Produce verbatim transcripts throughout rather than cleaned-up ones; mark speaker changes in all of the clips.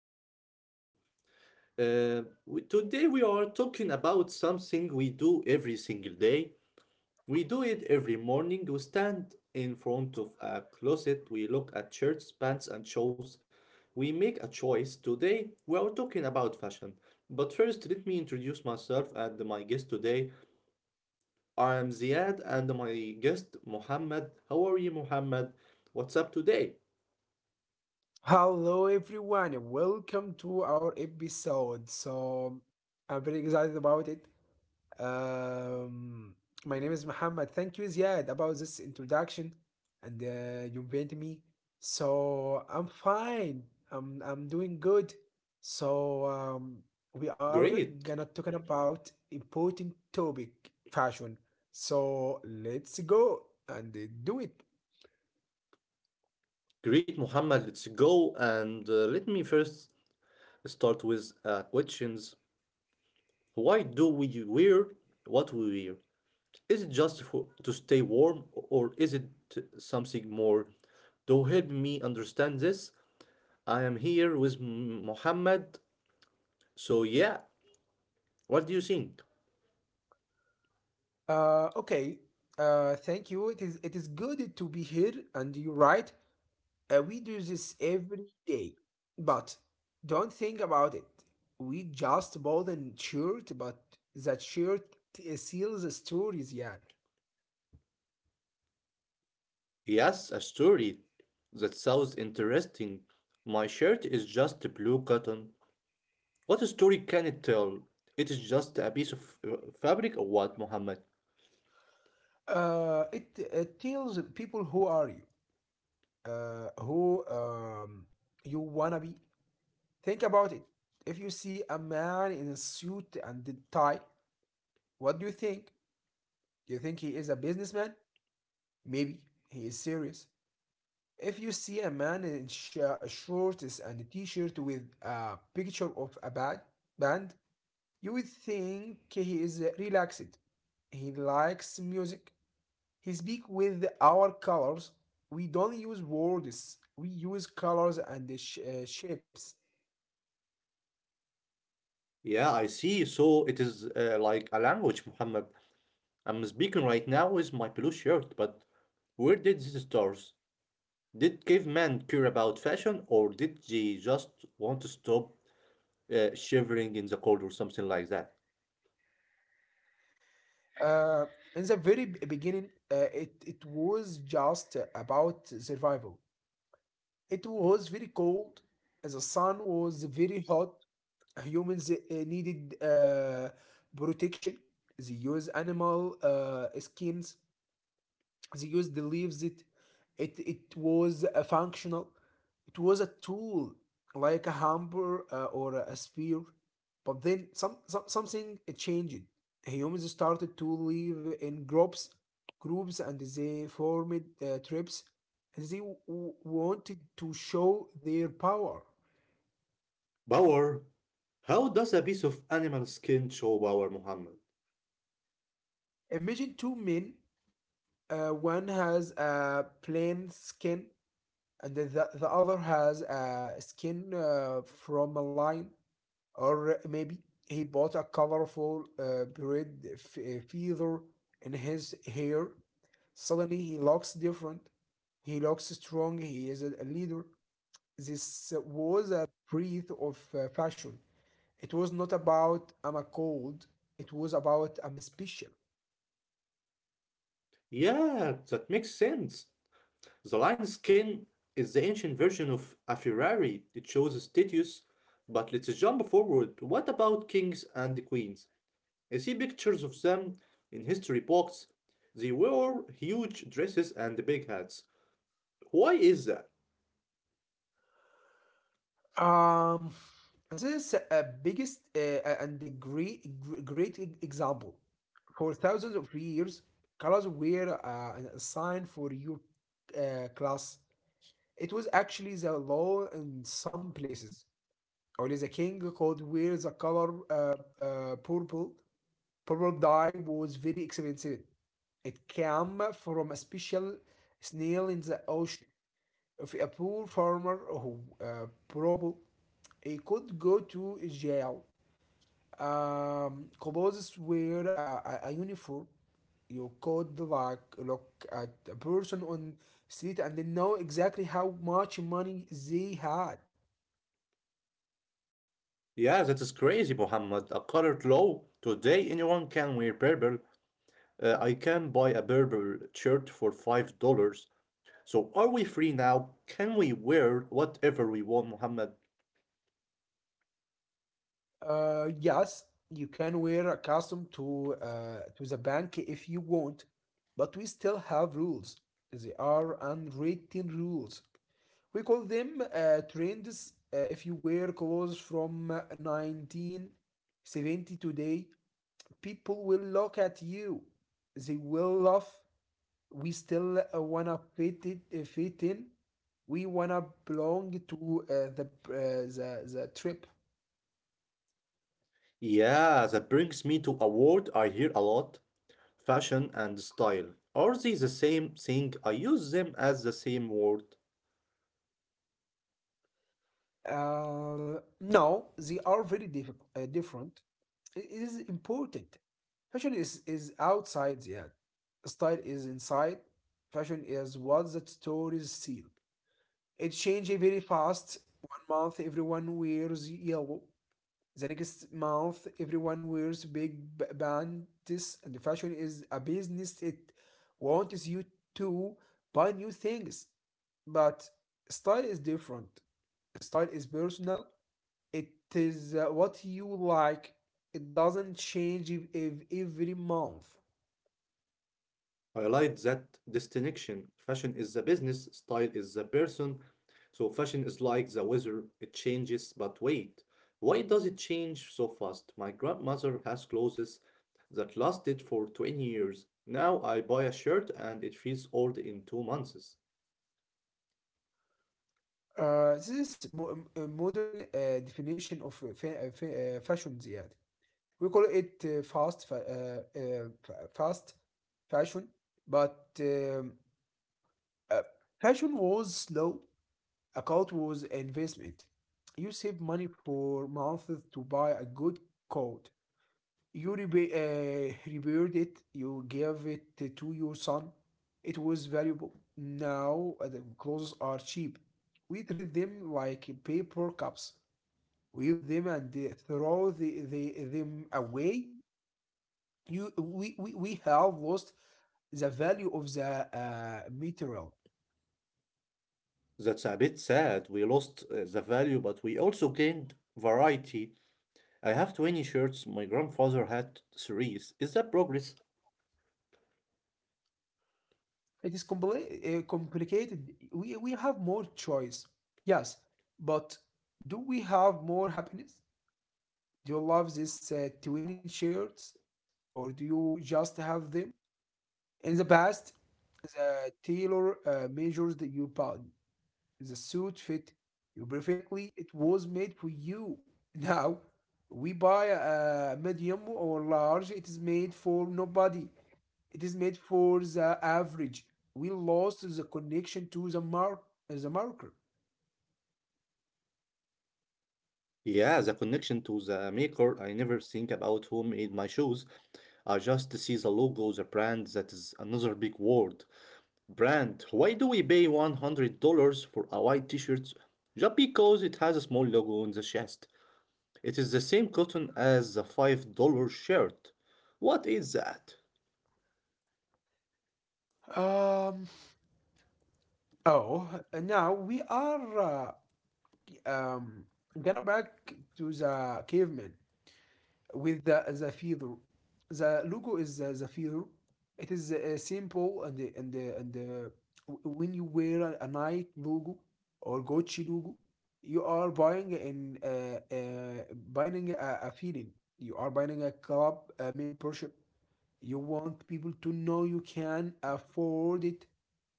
Speaker 1: everyone. Uh, we- today we are talking about something we do every single day. We do it every morning. We stand in front of a closet. We look at shirts, pants, and shoes. We make a choice. Today we are talking about fashion. But first, let me introduce myself and my guest today. I am Ziad and my guest Mohammed. How are you, Mohammed? What's up today?
Speaker 2: Hello, everyone. Welcome to our episode. So, I'm very excited about it. Um, my name is Muhammad. Thank you, Ziad, about this introduction and uh, you invite me. So, I'm fine. I'm, I'm doing good. So, um, we are gonna
Speaker 1: Great.
Speaker 2: talking about important topic, fashion. So, let's go and uh, do it.
Speaker 1: Great, Muhammad. Let's go. And uh, let me first start with uh, questions. Why do we wear what we wear? Is it just for, to stay warm, or is it something more? To help me understand this, I am here with M- Muhammad. So yeah, what do you think?
Speaker 2: Uh, okay. Uh, thank you. It is it is good to be here, and you're right. Uh, we do this every day, but don't think about it. We just bought a shirt, but that shirt uh, seals the stories. Yeah.
Speaker 1: Yes, a story. That sounds interesting. My shirt is just blue cotton. What story can it tell? It is just a piece of uh, fabric or what, Muhammad?
Speaker 2: Uh, it it tells people who are you, uh, who um you wanna be. Think about it. If you see a man in a suit and a tie, what do you think? Do you think he is a businessman? Maybe he is serious. If you see a man in sh- uh, shorts and a t-shirt with a picture of a bad band, you would think he is relaxed. He likes music. He speaks with our colors. We don't use words. We use colors and the sh- uh, shapes.
Speaker 1: Yeah, I see. So it is uh, like a language, Muhammad. I'm speaking right now with my blue shirt, but where did this start? Did cavemen care about fashion, or did they just want to stop uh, shivering in the cold or something like that?
Speaker 2: Uh, in the very b- beginning, uh, it, it was just about survival. It was very cold. The sun was very hot. uh, humans uh, needed uh, protection. They use animal uh, skins. They use the leaves. It it it was a functional. It was a tool like a hammer uh, or a spear. But then some, some something changed. Humans started to live in groups, groups, and they formed uh, tribes. And they w- wanted to show their power.
Speaker 1: Power. How does a piece of animal skin show power, Muhammad?
Speaker 2: Imagine two men. Uh, one has a plain skin, and then the, the other has a skin uh, from a lion, or maybe he bought a colorful uh, braid f- uh, feather in his hair. Suddenly, he looks different. He looks strong. He is a a leader. This was a breath of uh, fashion. It was not about I'm a cold. It was about I'm special.
Speaker 1: Yeah, that makes sense. The lion skin is the ancient version of a Ferrari. It shows status, but let's jump forward. What about kings and queens? I see pictures of them in history books. They wore huge dresses and big hats. Why is that?
Speaker 2: Um, this is a biggest uh, and a great, gr- great e- example. For thousands of years, colors were uh, an- a sign for your uh, class. It was actually the law in some places. Only the king could wear the color uh, uh, purple. Purple dye was very expensive. It came from a special snail in the ocean if a poor farmer who uh, probably he could go to jail. Um, clothes wear a, a, a uniform. You could like look at a person on street and then know exactly how much money they had.
Speaker 1: Yeah, that is crazy, Muhammad. A colored law. Today, anyone can wear purple. Uh, I can buy a purple shirt for five dollars. So, are we free now? Can we wear whatever we want, Muhammad?
Speaker 2: Uh, yes, you can wear a costume to uh, to the bank if you want, but we still have rules. They are unwritten rules. We call them uh, trends, uh, if you were cause from uh, nineteen seventy today. People will look at you. They will laugh. We still uh, wanna fit it, uh, fit in. We wanna belong to uh, the uh, the the trip.
Speaker 1: Yeah, that brings me to a word I hear a lot, fashion and style. Are they the same thing? I use them as the same word.
Speaker 2: Uh, no, they are very diff- uh, different. It is important. Fashion is, is outside the ad. Style is inside. Fashion is what the stories seal. It changes very fast. One month everyone wears yellow. The next month everyone wears big b- bands. And the fashion is a business. It wants you to buy new things. But style is different. Style is personal. It is uh, what you like. It doesn't change if ev- every month.
Speaker 1: Highlight that distinction. Fashion is the business, style is the person. So fashion is like the weather, it changes, but wait, why does it change so fast? My grandmother has clothes that lasted for twenty years. Now I buy a shirt and it feels old in two months.
Speaker 2: Uh, this is mo- m- a modern uh, definition of uh, fa- uh, fa- uh, fashion, زيادة. We call it uh, fast, fa- uh, uh, fast fashion, but um, uh, fashion was slow. A coat was an investment. You save money for months to buy a good coat. You rebe- uh, rebuild it, you gave it to your son. It was valuable. Now uh, the clothes are cheap. We treat them like paper cups, weave them and uh, throw the, the, them away. You, we, we, we have lost the value of the uh, material.
Speaker 1: That's a bit sad. We lost uh, the value, but we also gained variety. I have twenty shirts, my grandfather had three. Is that progress?
Speaker 2: It is compli- uh, complicated. We, we have more choice, yes, but do we have more happiness? Do you love these uh, twinning shirts or do you just have them? In the past, the tailor uh, measures the- your body. The suit fit you perfectly. It was made for you. Now, we buy a medium or large. It is made for nobody. It is made for the average. We lost the connection to the mark, the marker.
Speaker 1: Yeah, the connection to the maker. I never think about who made my shoes. I just see the logo, the brand. That is another big word. Brand, why do we pay one hundred dollars for a white t-shirt? Just because it has a small logo on the chest. It is the same cotton as the five dollars shirt. What is that?
Speaker 2: Um. Oh, now we are uh, Um, gonna back to the caveman with the the feather. The logo is the, the feather. It is uh, simple and the- and the- and the- w- when you wear a, a Nike logo or Gucci logo, you are buying an uh, uh, buying a, a feeling. You are buying a club a membership. You want people to know you can afford it.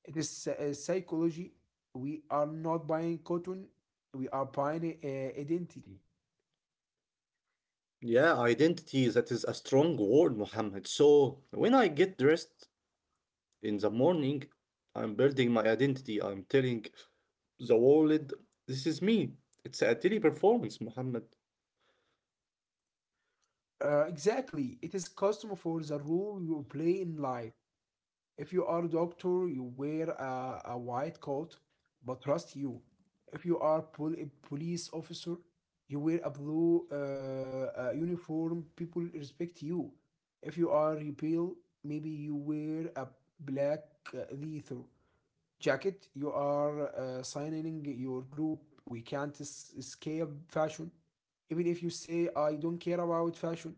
Speaker 2: It is psy- uh, psychology. We are not buying cotton, we are buying uh, identity.
Speaker 1: Yeah, identity, that is a strong word, Mohammed. So, when I get dressed in the morning, I'm building my identity. I'm telling the world. This is me. It's a daily performance, Muhammad.
Speaker 2: Uh, exactly. It is custom for the role you play in life. If you are a doctor, you wear a, a white coat, but trust you. If you are pol- a police officer, you wear a blue uh, uh, uniform. People respect you. If you are rebel, maybe you wear a black uh, leather jacket you are uh, signing your group. We can't es- escape fashion even if you say I don't care about fashion.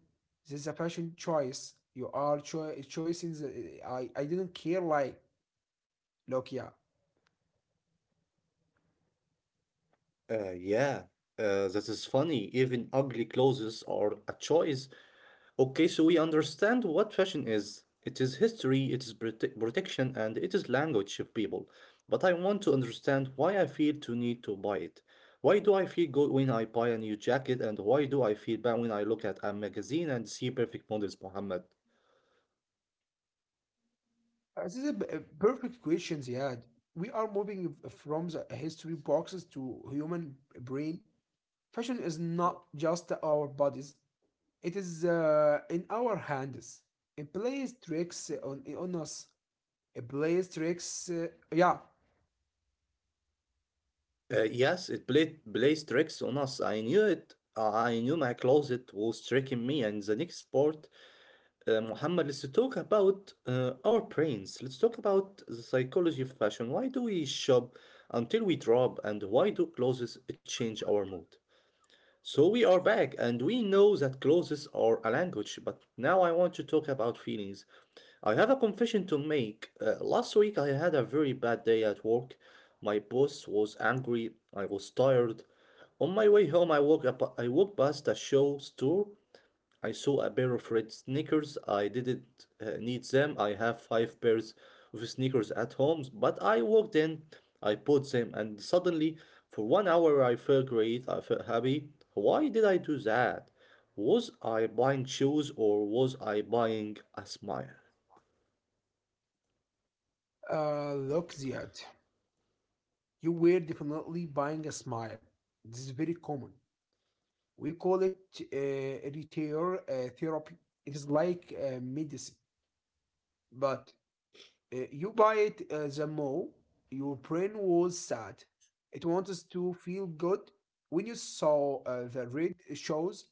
Speaker 2: This is a fashion choice. You are cho- choosing the- I I didn't care like look, yeah.
Speaker 1: Uh, yeah, uh, that is funny. Even ugly clothes are a choice. Okay, so we understand what fashion is. It is history, it is prote- protection, and it is language of people. But I want to understand why I feel to need to buy it. Why do I feel good when I buy a new jacket, and why do I feel bad when I look at a magazine and see perfect models, Muhammad?
Speaker 2: Uh, this is a a perfect question. He had we are moving from the history boxes to human brain. Fashion is not just our bodies. It is uh, in our hands. It plays tricks on, on us. Blaze tricks. Uh, yeah.
Speaker 1: Uh, yes, it played plays tricks on us. I knew it. Uh, I knew my closet was tricking me. And the next part, uh, Muhammad, let's talk about uh, our brains. Let's talk about the psychology of fashion. Why do we shop until we drop, and why do clothes change our mood? So we are back, and we know that clothes are a language, but now I want to talk about feelings. I have a confession to make. Uh, last week I had a very bad day at work. My boss was angry. I was tired. On my way home, I walked up, I walked past a show store. I saw a pair of red sneakers. I didn't uh, need them. I have five pairs of sneakers at home, but I walked in, I put them, and suddenly, for one hour, I felt great. I felt happy. Why did I do that? Was I buying shoes or was I buying a smile?
Speaker 2: Uh, look, Ziad, you were definitely buying a smile. This is very common. We call it uh, retail uh, therapy. It is like uh, medicine, but uh, you buy it uh, the more your brain was sad. It wants to feel good. When you saw uh, the red shows,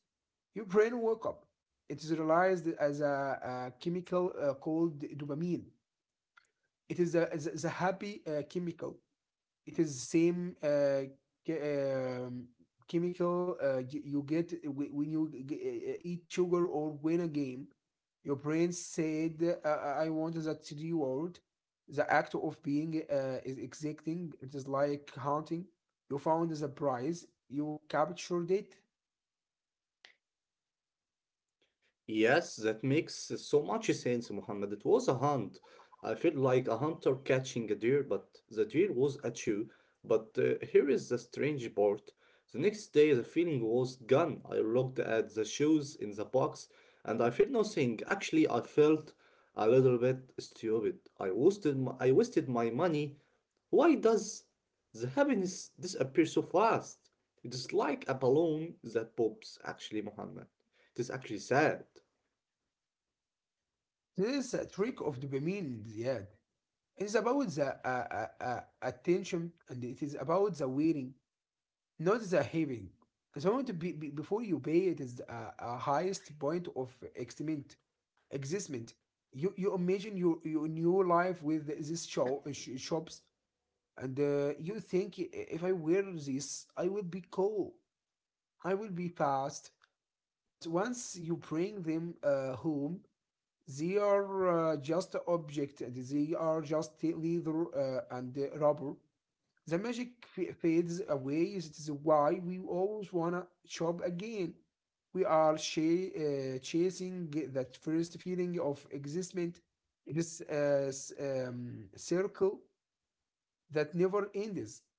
Speaker 2: your brain woke up. It is realized as a, a chemical uh, called dopamine. It is a, is a is a happy uh, chemical. It is the same uh, ke- um, chemical uh, you, you get whe- when you g- g- uh, eat sugar or win a game. Your brain said, uh, "I I want that reward." The act of being uh, is exacting. It is like hunting. You found the prize. You captured it.
Speaker 1: Yes, that makes uh, so much sense, Muhammad. It was a hunt. I feel like a hunter catching a deer, but the deer was at you. But uh, here is the strange part. The next day, the feeling was gone. I looked at the shoes in the box and I felt nothing. Actually, I felt a little bit stupid. I wasted my, I wasted my money. Why does the happiness disappear so fast? It is like a balloon that pops, actually, Muhammad. It is actually sad.
Speaker 2: This is a trick of dopamine, yeah. It's about the uh, uh, uh, attention and it is about the wearing. Not the having. So I want to be, be- before you pay it is a, a highest point of existment. Existment. You you imagine your your new life with these show uh, sh- shops, and uh, you think if I wear this, I will be cool. I will be fast. But once you bring them uh, home, they are uh, just object, and they are just leather uh, and uh, rubber. The magic fades away. It is why we always wanna shop again. We are cha- uh, chasing that first feeling of existment. It is a um, circle that never ends.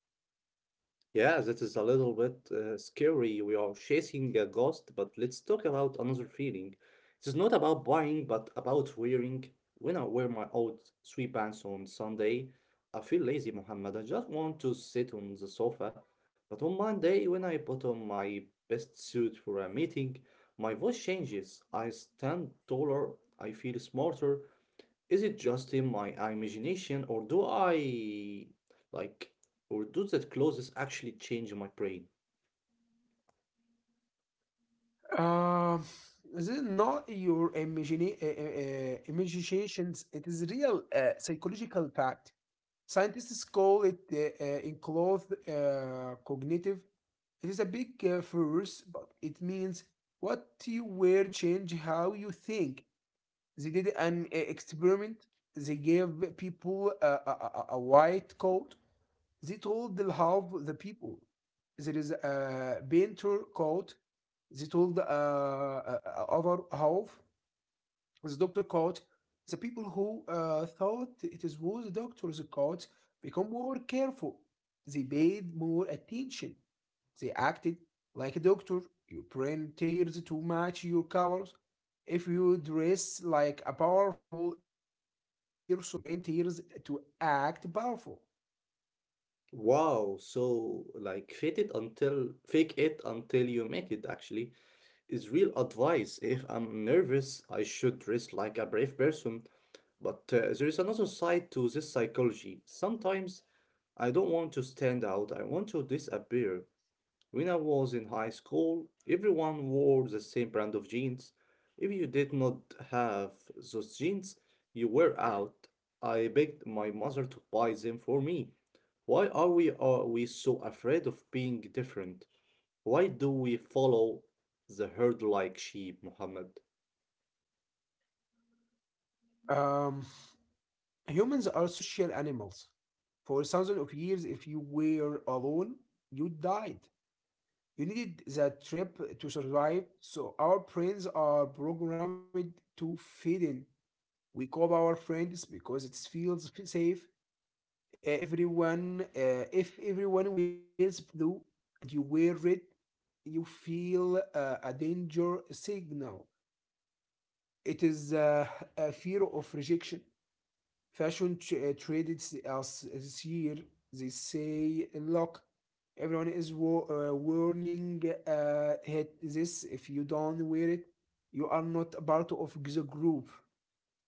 Speaker 1: Yeah, that is a little bit uh, scary. We are chasing a ghost, but let's talk about another feeling. It is not about buying, but about wearing. When I wear my old sweatpants on Sunday, I feel lazy, Muhammad. I just want to sit on the sofa. But on Monday, when I put on my best suit for a meeting, my voice changes. I stand taller. I feel smarter. Is it just in my imagination, or do I like, or do that clothes actually change my brain?
Speaker 2: Uh, this is not your imagina- uh, uh, uh, imaginations. It is real uh, psychological fact. Scientists call it uh, uh, enclosed uh, cognitive. It is a big uh, phrase, but it means what you wear change how you think. They did an uh, experiment. They gave people a, a, a- white coat. They told the half the people. There is a painter coat. They told uh, uh, uh, other half the doctor caught the people who uh, thought it is was the doctor's caught become more careful. They paid more attention. They acted like a doctor. Your brain tears to match your colors. If you dress like a powerful person, your brain tears to act powerful.
Speaker 1: Wow, so like fake it until fake it until you make it actually is real advice. If I'm nervous, I should dress like a brave person. But uh, there is another side to this psychology. Sometimes I don't want to stand out. I want to disappear. When I was in high school, everyone wore the same brand of jeans. If you did not have those jeans, you were out. I begged my mother to buy them for me. Why are we are we so afraid of being different? Why do we follow the herd like sheep, Muhammad?
Speaker 2: Um, humans are social animals. For thousands of years, if you were alone, you died. You needed the trip to survive, so our brains are programmed to fit in. We call our friends because it feels f- safe. Uh, Everyone, uh, if everyone wears blue and you wear red, you feel uh, a danger signal. It is uh, a fear of rejection. Fashion tr- uh, traded s- us this year. They say, look, everyone is wa- uh, warning uh, hit this. If you don't wear it, you are not a part of the group.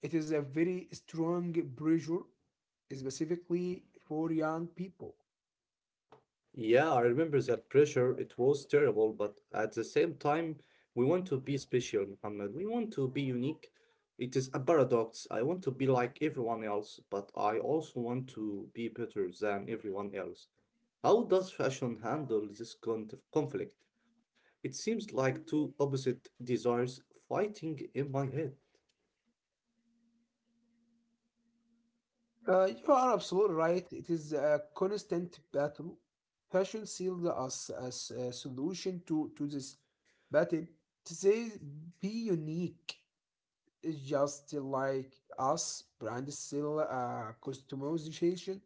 Speaker 2: It is a very strong pressure, specifically for young people.
Speaker 1: Yeah, I remember that pressure. It was terrible, but at the same time, we want to be special, Muhammad. We want to be unique. It is a paradox. I want to be like everyone else, but I also want to be better than everyone else. How does fashion handle this con- conflict? It seems like two opposite desires fighting in my head.
Speaker 2: Uh, you are absolutely right. It is a constant battle. Fashion sealed us as a solution to, to this battle. To say be unique, it's just like us, brand still uh, customization.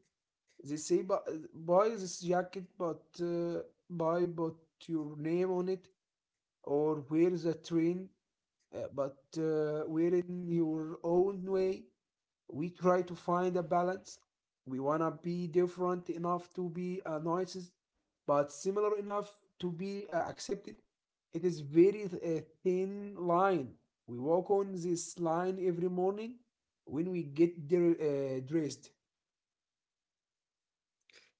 Speaker 2: They say, but uh, buy this jacket, but uh, buy but your name on it, or wear the train, uh, but uh, wear it in your own way. We try to find a balance. We wanna be different enough to be uh, noises, but similar enough to be uh, accepted. It is very uh, thin line. We walk on this line every morning when we get dr- uh, dressed.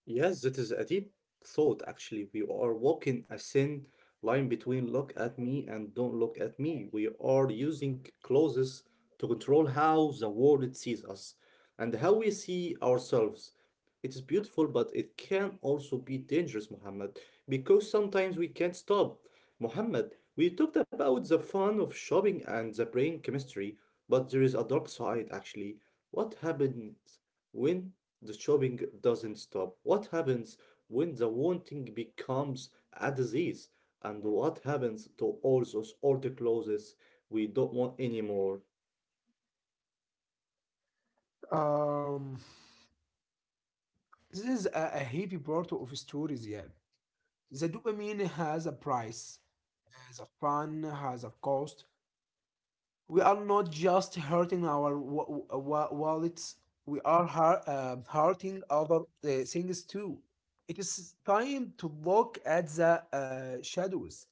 Speaker 1: Yes, that is a deep thought, actually. We are walking a thin line between look at me and don't look at me. We are using clauses to control how the world sees us and how we see ourselves. It is beautiful, but it can also be dangerous, Muhammad, because sometimes we can't stop. Muhammad, we talked about the fun of shopping and the brain chemistry, but there is a dark side, actually. What happens when the shopping doesn't stop? What happens when the wanting becomes a disease? And what happens to all those old clothes we don't want anymore?
Speaker 2: Um, this is a, a heavy part of stories, yeah. The dopamine has a price. The fun has a cost. We are not just hurting our wa- wa- wallets. We are har- uh, hurting other uh, things too. It is time to look at the uh, shadows.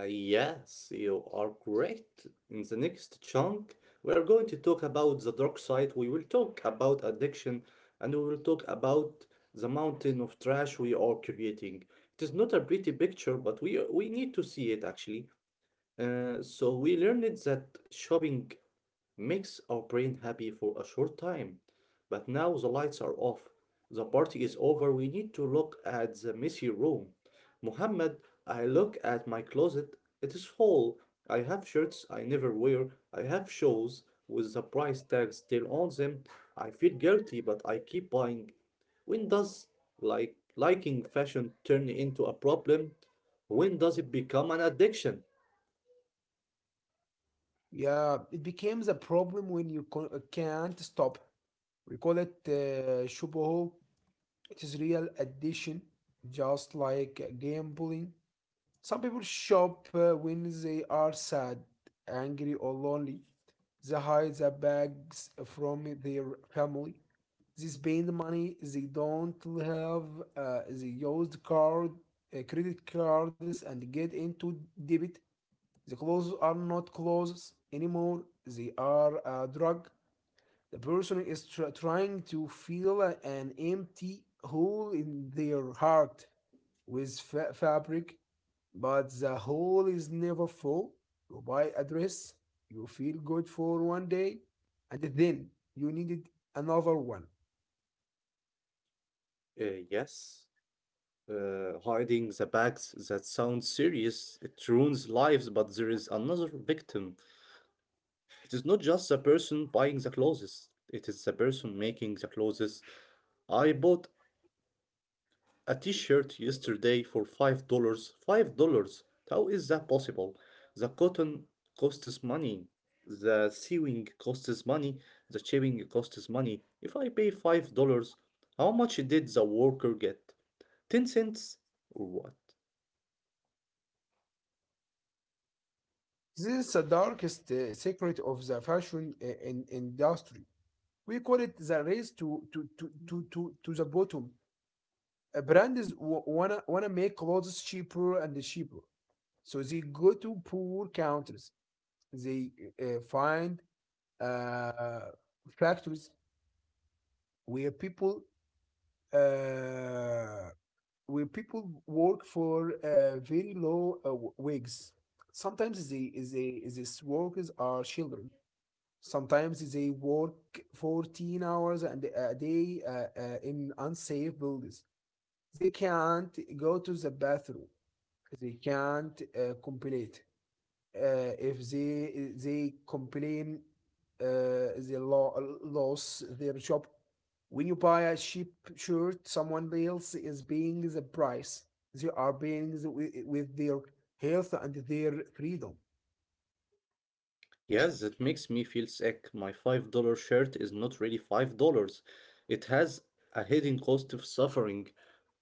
Speaker 1: Uh, yes, you are correct. In the next chunk, we are going to talk about the dark side. We will talk about addiction and we will talk about the mountain of trash we are creating. It is not a pretty picture, but we, we need to see it actually. Uh, so we learned that shopping makes our brain happy for a short time. But now the lights are off. The party is over. We need to look at the messy room. Muhammad, I look at my closet. It is full. I have shirts I never wear. I have shoes with the price tag still on them. I feel guilty, but I keep buying. When does like liking fashion turn into a problem? When does it become an addiction?
Speaker 2: Yeah, it becomes a problem when you co- uh, can't stop. We call it uh, shubuho. It is real addiction, just like gambling. Some people shop uh, when they are sad, angry, or lonely. They hide their bags from their family. They spend money they don't have. Uh, they use the card, uh, credit cards, and get into debt. The clothes are not clothes anymore. They are a drug. The person is tr- trying to fill an empty hole in their heart with fa- fabric, but the hole is never full. You buy a dress, you feel good for one day, and then you needed another one.
Speaker 1: Uh, yes, uh, hiding the bags, that sounds serious. It ruins lives, but there is another victim. It is not just the person buying the clothes, it is the person making the clothes. I bought a t shirt yesterday for five dollars. five dollars? How is that possible? The cotton costs money, the sewing costs money, the shipping costs money. If I pay five dollars how much did the worker get? ten cents or what?
Speaker 2: This is the darkest uh, secret of the fashion uh, in- industry. We call it the race to to to to to, to the bottom. Uh, brands w- wanna wanna make clothes cheaper and cheaper, so they go to poor countries. They uh, find uh, factories where people uh, where people work for uh, very low uh, w- wages. Sometimes they, they, these workers are children. Sometimes they work fourteen hours and uh, a day uh, uh, in unsafe buildings. They can't go to the bathroom. They can't uh, complain. Uh, if they they complain, uh, they lo- lose their job. When you buy a cheap shirt, someone else is paying the price. They are paying the, with, with their health and their freedom.
Speaker 1: Yes, that makes me feel sick. My five dollars shirt is not really five dollars. It has a hidden cost of suffering.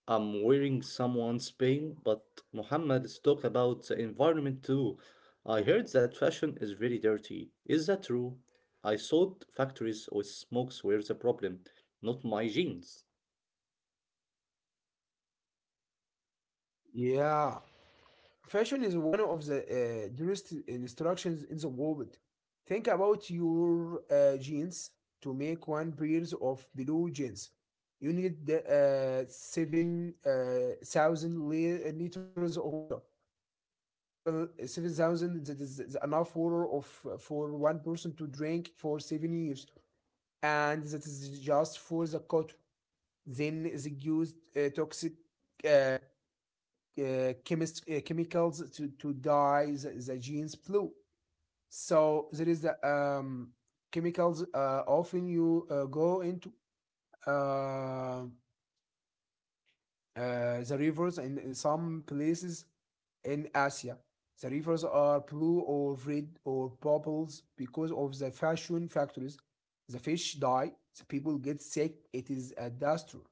Speaker 1: I'm wearing someone's pain, but Muhammad, is talk about the environment too. I heard that fashion is very dirty. Is that true? I thought factories with smokes were the problem, not my jeans.
Speaker 2: Yeah, fashion is one of the uh, dearest instructions in the world. Think about your uh, jeans. To make one pair of blue jeans, you need the, uh, seven uh, thousand li- liters of water. Seven seven thousand, that is is enough water of for one person to drink for seven years, and that is just for the cotton. Then they used uh, toxic uh, uh, chemist, uh, chemicals to, to dye the, the genes blue. So there is the um, chemicals uh, often you uh, go into uh, uh, the rivers in, in some places in Asia. The rivers are blue or red or purples because of the fashion factories. The fish die, the people get sick. It is a disaster.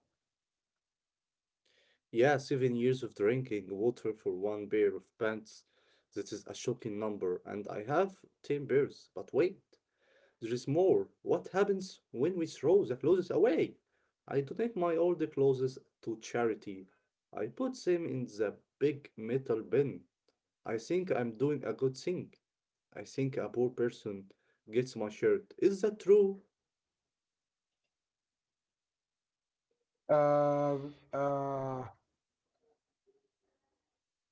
Speaker 1: Yeah, seven years of drinking water for one pair of pants. That is a shocking number, and I have ten pairs. But wait. There is more. What happens when we throw the clothes away? I donate my old clothes to charity. I put them in the big metal bin. I think I'm doing a good thing. I think a poor person gets my shirt. Is that true?
Speaker 2: Uh, uh,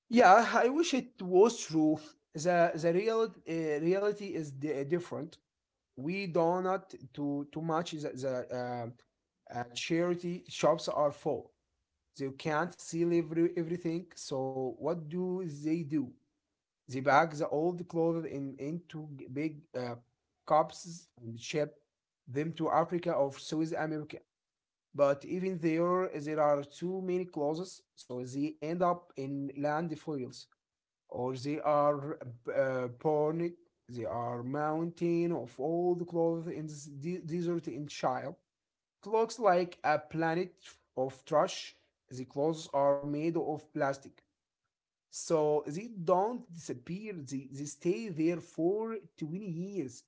Speaker 2: Yeah, I wish it was true. The the real uh, reality is di- eh, different. We do not do too much. The, the uh, uh, Charity shops are full. They can't sell every, everything. So what do they do? They bag the old clothes in into g- big uh, cups and ship them to Africa or South America. But even there, there are too many clothes, so they end up in landfills, or they are uh, born. They are mountain of all the clothes in this de- desert in Chile. It looks like a planet of trash. The clothes are made of plastic, so they don't disappear. They, they stay there for twenty years.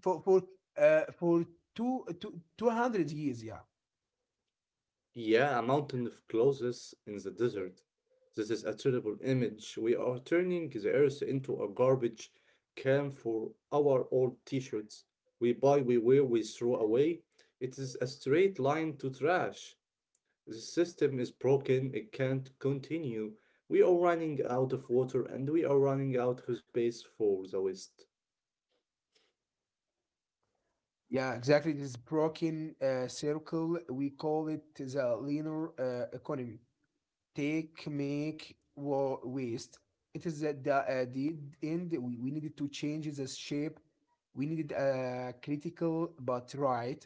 Speaker 2: For, for, uh, for two two two hundred years, yeah.
Speaker 1: Yeah, a mountain of clothes in the desert. This is a terrible image. We are turning the earth into a garbage can for our old t shirts. We buy, we wear, we throw away. It is a straight line to trash. The system is broken, it can't continue. We are running out of water and we are running out of space for the West.
Speaker 2: Yeah, exactly. This broken uh, circle, we call it the linear uh, economy. Take make wa- waste, it is at the, uh, the end. we, we needed to change the shape. We needed a critical but right,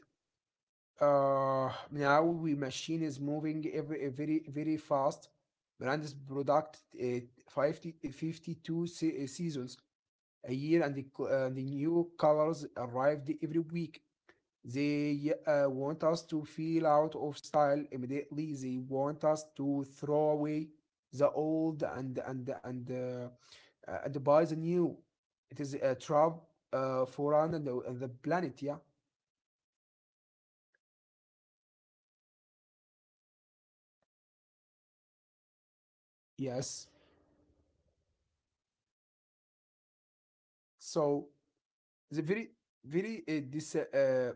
Speaker 2: uh now we machine is moving every uh, very very fast. Brand's product uh, fifty uh, fifty-two se- uh, seasons a year, and the, co- uh, the new colors arrived every week. They uh, want us to feel out of style immediately. They want us to throw away the old and and and uh, uh, and buy the new. It is a trap uh, for us and the, and the planet. Yeah. Yes. So the very very uh, this uh, uh,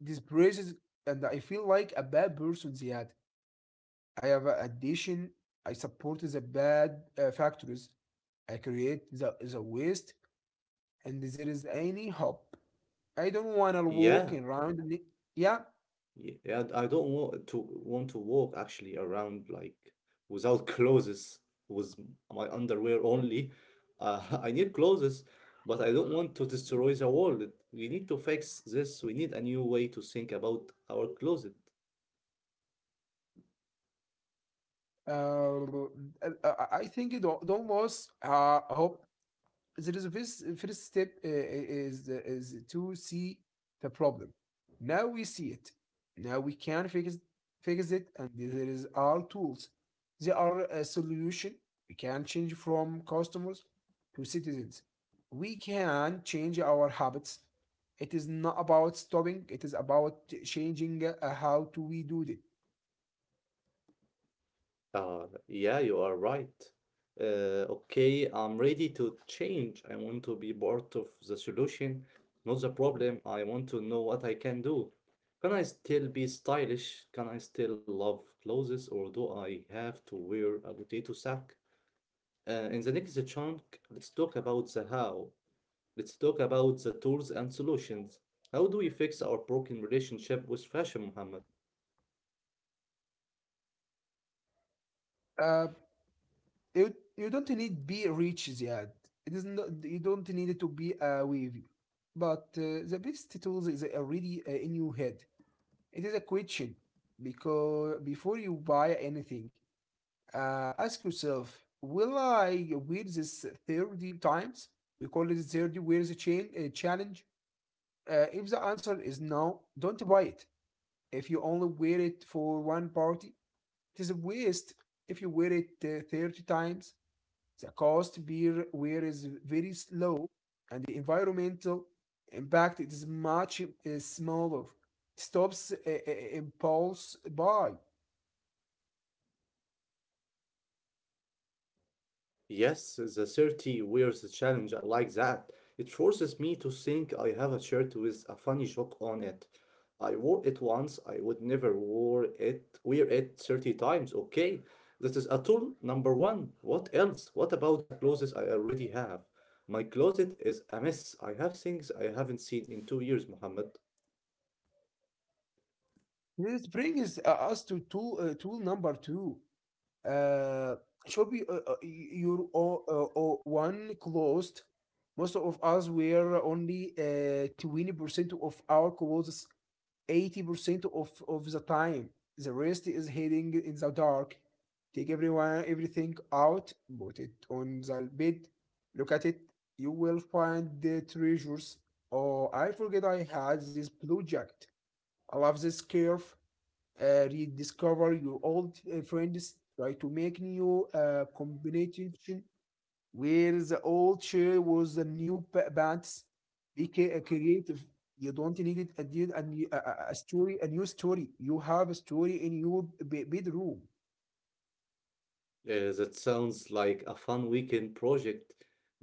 Speaker 2: this praises, and I feel like a bad person. Yeah. I have a addition. I support the bad uh, factories. I create the, the waste, and there is any hope. I don't wanna walk
Speaker 1: Yeah.
Speaker 2: around the-. Yeah,
Speaker 1: Yeah, I I don't want to want to walk actually around like without clothes, with my underwear only. Uh, I need clothes, but I don't want to destroy the world. We need to fix this. We need a new way to think about our closet.
Speaker 2: uh, I I- think it al- almost uh, hope. There is a first, first step uh, uh, is is to see the problem. Now we see it. Now we can fix fix it, and there is our tools. There are a solution. We can change from customers to citizens. We can change our habits. It is not about stopping. It is about changing uh, how do we do it.
Speaker 1: Uh, yeah, you are right. Uh, okay, I'm ready to change. I want to be part of the solution, not the problem. I want to know what I can do. Can I still be stylish? Can I still love clothes, or do I have to wear a potato sack? Uh, in the next chunk, let's talk about the how. Let's talk about the tools and solutions. How do we fix our broken relationship with fashion, Muhammad?
Speaker 2: Uh, you you don't need be rich yet. It is not you don't need it to be uh, wavy. But uh, the best tools is already uh, in your head. It is a question, because before you buy anything, uh, ask yourself: will I wear this thirty times? We call it the thirty wears a chain uh, challenge. Uh, if the answer is no, don't buy it. If you only wear it for one party, it is a waste. If you wear it uh, thirty times, the cost per wear is very low, and the environmental impact is much uh, smaller. Stops uh, uh, impulse buy.
Speaker 1: Yes, the thirty wears the challenge, I like that. It forces me to think I have a shirt with a funny joke on it. I wore it once, I would never wear it wear it thirty times, okay? That is a tool number one. What else? What about the clothes I already have? My closet is a mess. I have things I haven't seen in two years, Mohammed.
Speaker 2: This brings uh, us to tool, uh, tool number two. Uh, should be uh, uh, your o- uh, o- one closed. Most of us wear only uh, twenty percent of our clothes eighty percent of, of the time. The rest is hiding in the dark. Take everyone, everything out, put it on the bed, look at it. You will find the treasures. Oh, I forget I had this blue jacket. I love this scarf. Uh, rediscover your old uh, friends. Try to make new uh, combination where the old chair was the new pants. Be ca- creative. You don't need it a, new- a, a- a- story, a new story. You have a story in your be- bedroom.
Speaker 1: Uh, that sounds like a fun weekend project,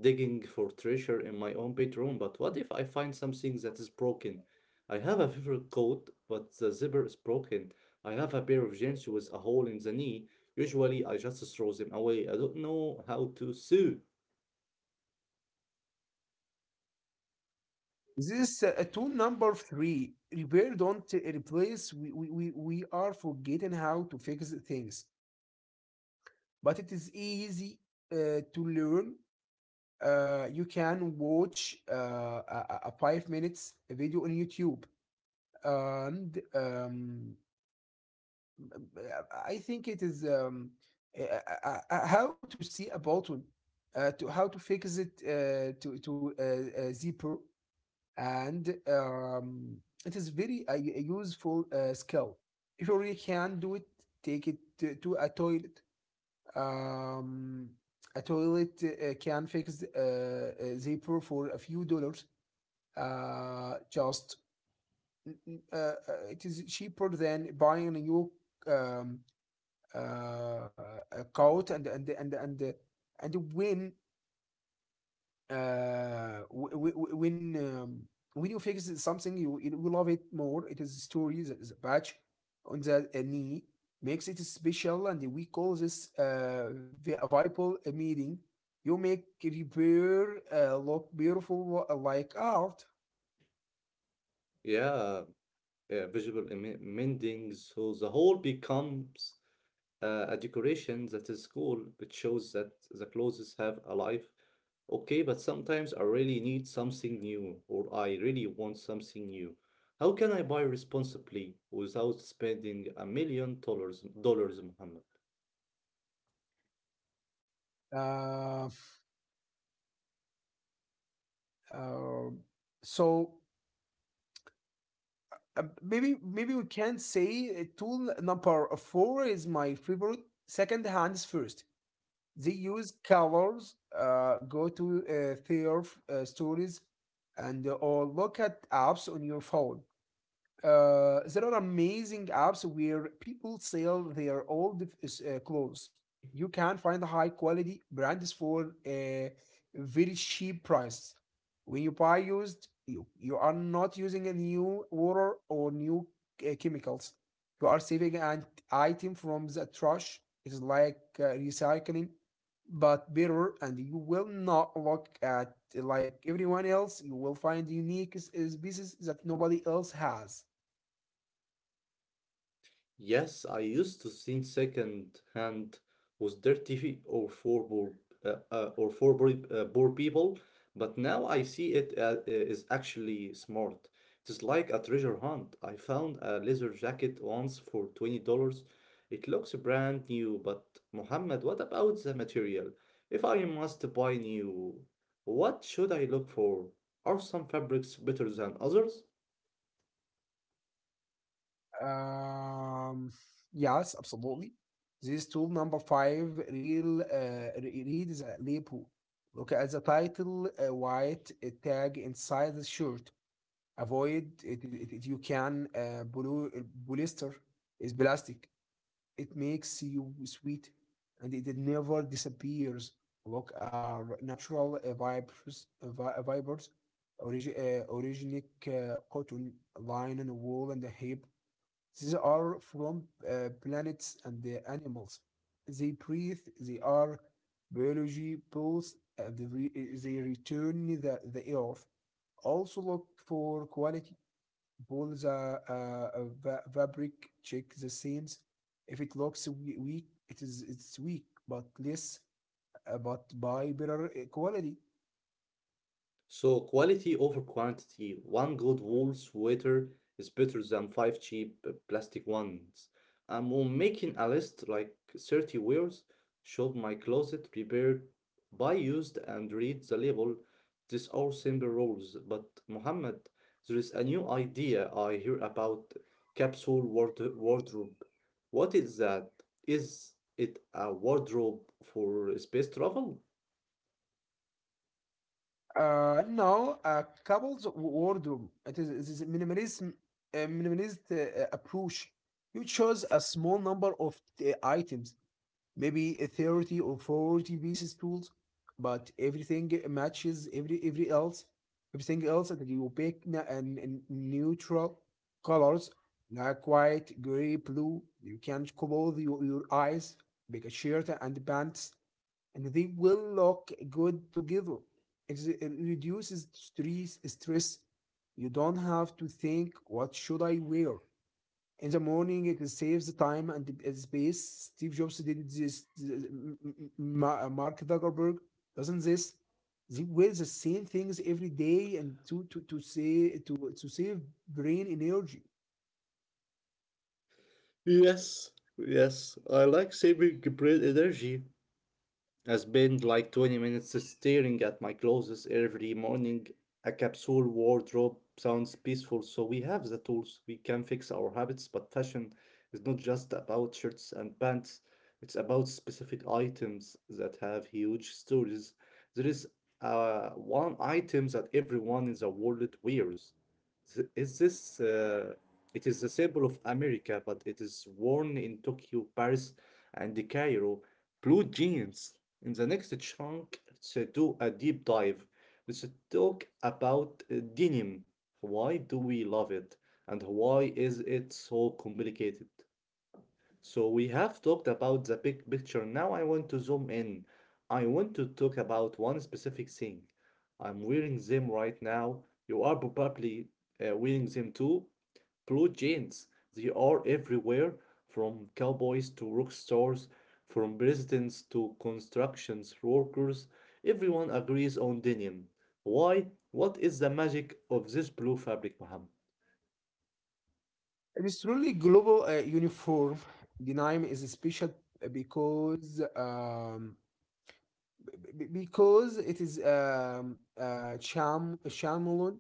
Speaker 1: digging for treasure in my own bedroom. But what if I find something that is broken? I have a favorite coat, but the zipper is broken. I have a pair of jeans with a hole in the knee. Usually, I just throw them away. I don't know how to sew.
Speaker 2: This uh, tool number three. Repair, don't uh, replace. We, we, we, we are forgetting how to fix things, but it is easy uh, to learn. Uh, you can watch uh, a a five minutes video on YouTube and um, Uh, I think it is um, uh, uh, uh, how to see a bottle, uh, to how to fix it uh, to to uh, uh, zipper, and um, it is very uh, useful uh, skill. If you really can do it, take it to, to a toilet. Um, a toilet uh, can fix uh, uh, zipper for a few dollars. Uh, just uh, uh, it is cheaper than buying a new um, uh, uh, caught, and and and and and when uh, when um, when you fix something, you you love it more. It is stories, the patch on the uh, knee makes it special, and we call this uh, a viable meeting. You make repair uh, look beautiful like art.
Speaker 1: Yeah, uh, visual em- mending. So the hole becomes uh, a decoration that is cool. It shows that the clothes have a life. Okay, but sometimes I really need something new, or I really want something new. How can I buy responsibly without spending a million dollars, dollars, Muhammad?
Speaker 2: Uh, uh, so uh, maybe maybe we can say uh, tool number four is my favorite. Second hands first. They use colors, uh, go to uh, their uh, stories, and uh, or look at apps on your phone. Uh, there are amazing apps where people sell their old uh, clothes. You can find high quality brands for a very cheap price. When you buy used, you, you are not using a new water or new uh, chemicals. You are saving an item from the trash. It's like uh, recycling, but better, and you will not look at like everyone else. You will find unique s- is pieces that nobody else has.
Speaker 1: Yes, I used to think second hand was dirty or for poor, uh, uh, or for poor, uh, poor people, but now I see it uh, uh, is actually smart. It is like a treasure hunt. I found a leather jacket once for twenty dollars. It looks brand new, but Mohammed, what about the material? If I must buy new, what should I look for? Are some fabrics better than others?
Speaker 2: Um, yes, absolutely. This tool number five real uh, re- read the label. Look at the title, uh, white uh, tag inside the shirt. Avoid it. It, it- you can uh, poly- polyester is plastic. It makes you sweet, and it never disappears. Look, are natural uh, vibers, uh, vi- fibers, origi- uh, originic uh, cotton, linen, wool, and hemp. These are from uh, planets and the animals. They breathe, they are biology both, and they re- they return the, the earth. Also look for quality, pull the uh, uh, fabric, check the seams. If it looks we- weak, it is it's weak, but less, uh, but by better uh, quality.
Speaker 1: So quality over quantity. One good wool sweater is better than five cheap uh, plastic ones. I'm on making a list like thirty wears, shop my closet, repair, buy used, and read the label. These are simple rules. But Mohammed, there is a new idea I hear about capsule ward- wardrobe. What is that? Is it a wardrobe for space travel?
Speaker 2: Uh, no, a couple's w- wardrobe. It is, it is minimalism, uh, minimalist uh, uh, approach. You choose a small number of uh, items, maybe uh, thirty or forty pieces tools, but everything matches every every else, everything else, and you pick na- and, and neutral colors like white, gray, blue. You can clothe your, your eyes, make a shirt and pants and they will look good together. It reduces stress. Stress. You don't have to think, what should I wear? In the morning, it saves the time and the space. Steve Jobs did this. Mark Zuckerberg doesn't this. They wear the same things every day and to to to save to to save brain energy.
Speaker 1: Yes, yes, I like saving great energy. I spend like twenty minutes staring at my clothes every morning. A capsule wardrobe sounds peaceful, so we have the tools. We can fix our habits, but fashion is not just about shirts and pants. It's about specific items that have huge stories. There is uh, one item that everyone in the world wears. Th- Is this? Uh, it is the symbol of America, but it is worn in Tokyo, Paris, and Cairo. Blue jeans. In the next chunk, let's do a deep dive. Let's talk about uh, denim. Why do we love it? And why is it so complicated? So, we have talked about the big picture. Now, I want to zoom in. I want to talk about one specific thing. I'm wearing them right now. You are probably uh, wearing them too. Blue jeans, they are everywhere from cowboys to rock stars, from presidents to construction workers. Everyone agrees on denim. Why? What is the magic of this blue fabric, Muhammad?
Speaker 2: It is truly global uh, uniform. The name is special uh, because um, b- because it is um, uh, sham Shyamalan.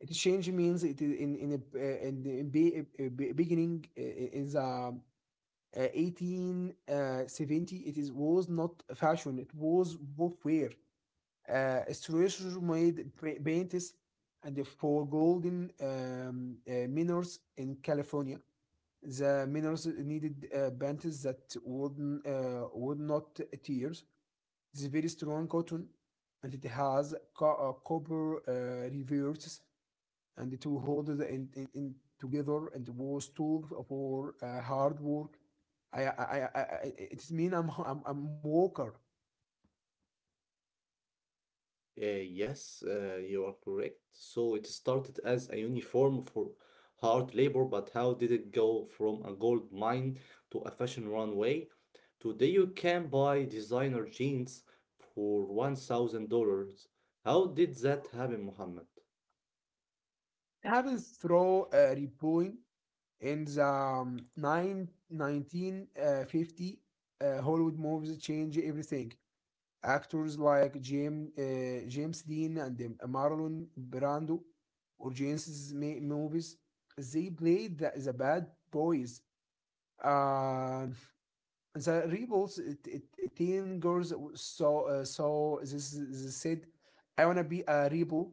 Speaker 2: It change means it is in in a, uh, in the in be, uh, uh, be- beginning uh, in the um, uh, eighteen uh, seventy. It is was not a fashion, it was both wear, uh, Strasser made pa- paintings and for golden um, uh, miners in California. The miners needed uh, paintings that would uh, would not tear. It's very strong cotton, and it has co- uh, copper uh, reverses, and the two hold it in, in, in together, and was tool for uh, hard work. I, I, I, I it means I'm, I'm, I'm worker.
Speaker 1: Uh, yes, uh, you are correct. So it started as a uniform for hard labor, but how did it go from a gold mine to a fashion runway? Today you can buy designer jeans for one thousand dollars. How did that happen, Mohammed?
Speaker 2: It happens through uh, repoing in the um, nine, nineteen uh, fifty. uh, Hollywood movies change everything. Actors like James, uh, James Dean and um, Marlon Brando or James's movies, they played the, the bad boys. Uh, the rebels, it, it, it- teen girls, so uh, so this, this said, I want to be a rebel.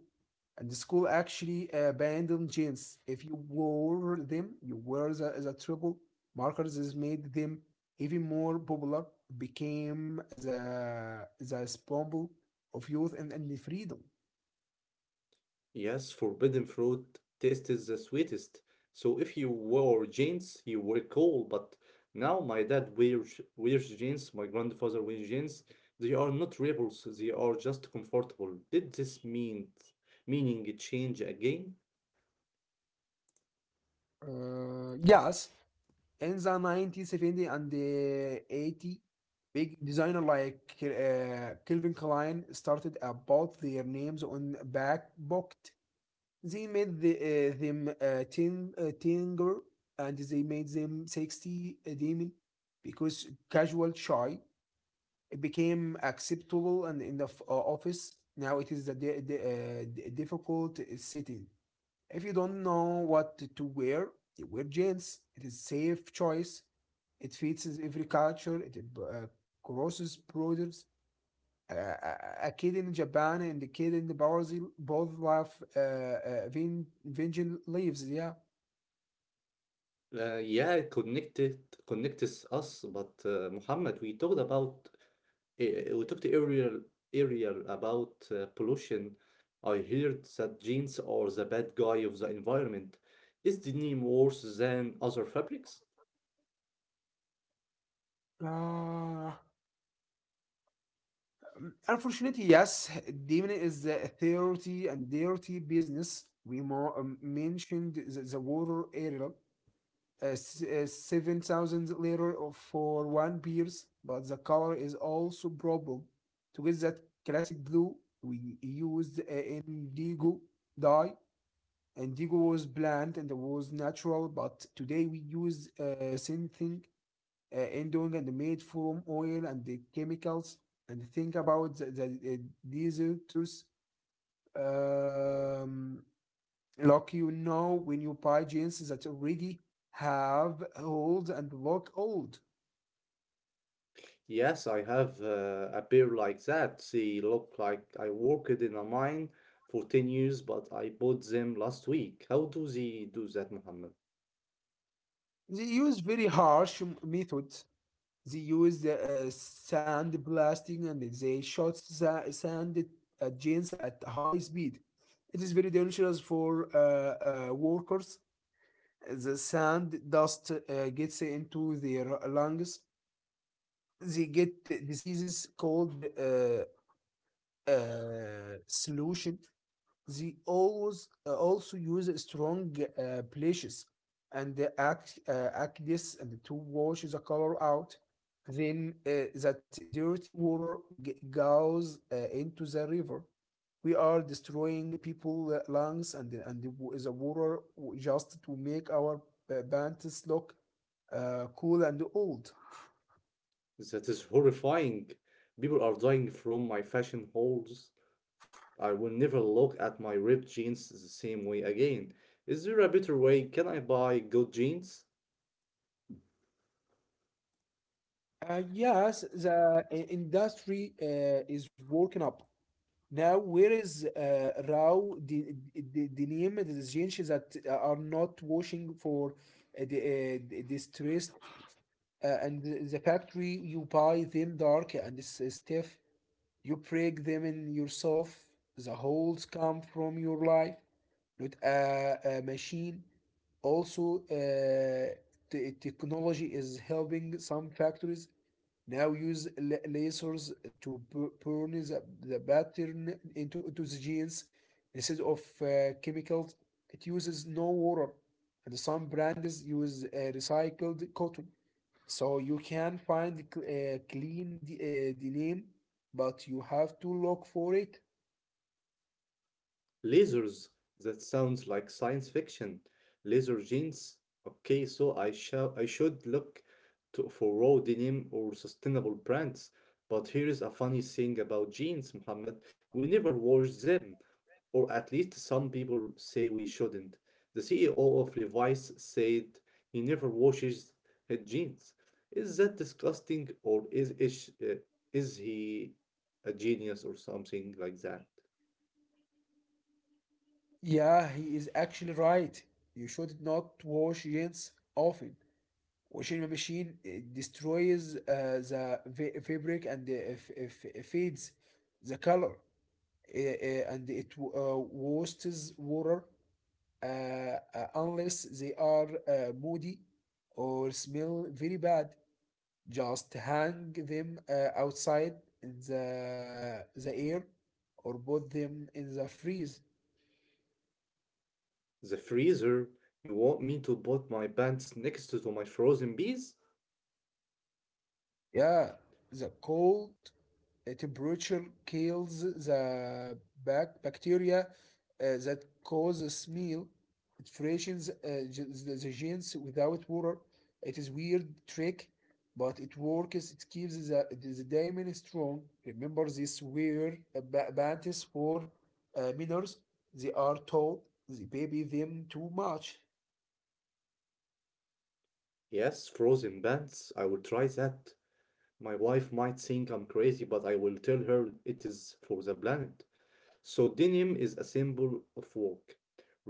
Speaker 2: And the school actually abandoned jeans. If you wore them, you were the, the triple markers. This made them even more popular, became the the symbol of youth and, and freedom.
Speaker 1: Yes, forbidden fruit taste is the sweetest. So if you wore jeans, you were cool. But now my dad wears wears jeans, my grandfather wears jeans. They are not rebels, they are just comfortable. Did this mean meaning change again?
Speaker 2: Uh, yes, in the nineteen seventy and the eighty, big designer like uh, Calvin Klein started about their names on back pocket. They made the, uh, them uh, ten, uh, Tinger, and they made them sixty uh, Demon, because casual shy it became acceptable. And in the uh, office now, it is a di- di- uh, difficult setting. If you don't know what to wear, you wear jeans. It is safe choice. It fits every culture. It uh, crosses borders. Uh, a kid in Japan and a kid in Brazil both love uh, uh, Vengeance Leaves. Yeah.
Speaker 1: Uh, yeah, connected connects us, but uh, Muhammad, we talked about uh, we talked earlier earlier about uh, pollution. I heard that jeans are the bad guy of the environment. Is denim worse than other fabrics?
Speaker 2: Uh, Unfortunately, yes, demon is a dirty and dirty business. We more, um, mentioned the, the water area. uh, uh, seven thousand liter for one beers, but the color is also problem. To get that classic blue, we used uh, indigo dye. Indigo was bland and was natural, but today we use uh, synthetic uh, endong, and made from oil and the chemicals. And think about the, the, uh, these uh, um, Lock, you know, when you buy jeans that already have holes and look old.
Speaker 1: Yes, I have uh, a pair like that. They look like I worked in a mine for ten years, but I bought them last week. How do they do that, Muhammad?
Speaker 2: They use very harsh m- method. They use the uh, sand blasting, and they shot sa- sand at jeans at high speed. It is very dangerous for uh, uh, workers. The sand dust uh, gets into their lungs. They get diseases called uh, uh, solution. They always uh, also use strong uh, bleaches and uh, act, uh, aqueous and to wash the color out. Then uh, that dirty water g- goes uh, into the river. We are destroying people uh, lungs and and the, wa- the water w- just to make our uh, pants look uh, cool and old.
Speaker 1: That is horrifying. People are dying from my fashion holes. I will never look at my ripped jeans the same way again. Is there a better way? Can I buy good jeans?
Speaker 2: Uh, yes, the i- industry uh, is working up. Now, where is uh, Rao D- D- Dinim, the Gentians that are not washing for uh, the uh, distressed, uh, and the the factory. You buy them dark and s- stiff, you break them in yourself. The holes come from your life, not a, a machine. Also, uh, te- technology is helping some factories now use la- lasers to bu- burn the, the pattern into, into the genes instead of uh, chemicals. It uses no water, and some brands use uh, recycled cotton. So you can find cl- uh, clean the, uh, the name, but you have to look for it.
Speaker 1: Lasers. That sounds like science fiction. Laser genes. Okay, so I shall I should look to, for raw denim or sustainable brands. But here is a funny thing about genes, Muhammad. We never wash them, or at least some people say we shouldn't. The C E O of Levi's said he never washes his jeans. Is that disgusting, or is is, uh, is he a genius or something like that?
Speaker 2: Yeah, he is actually right. You should not wash jeans often. Washing machine uh, destroys uh, the fa- fabric and uh, f- f- fades the color, uh, uh, and it w- uh, wastes water, uh, uh, unless they are uh, moody or smell very bad. Just hang them uh, outside in the the air, or put them in the freeze.
Speaker 1: The freezer? You want me to put my pants next to my frozen peas?
Speaker 2: Yeah, the cold uh, temperature kills the bac- bacteria uh, that causes meal. It freshens uh, ge- the, the genes without water. It is weird trick, but it works. It keeps the, the diamond strong. Remember this weird uh, ba- bantis for uh, minors. They are told they baby them too much.
Speaker 1: Yes, frozen pants. I will try that. My wife might think I'm crazy, but I will tell her it is for the planet. So, denim is a symbol of work,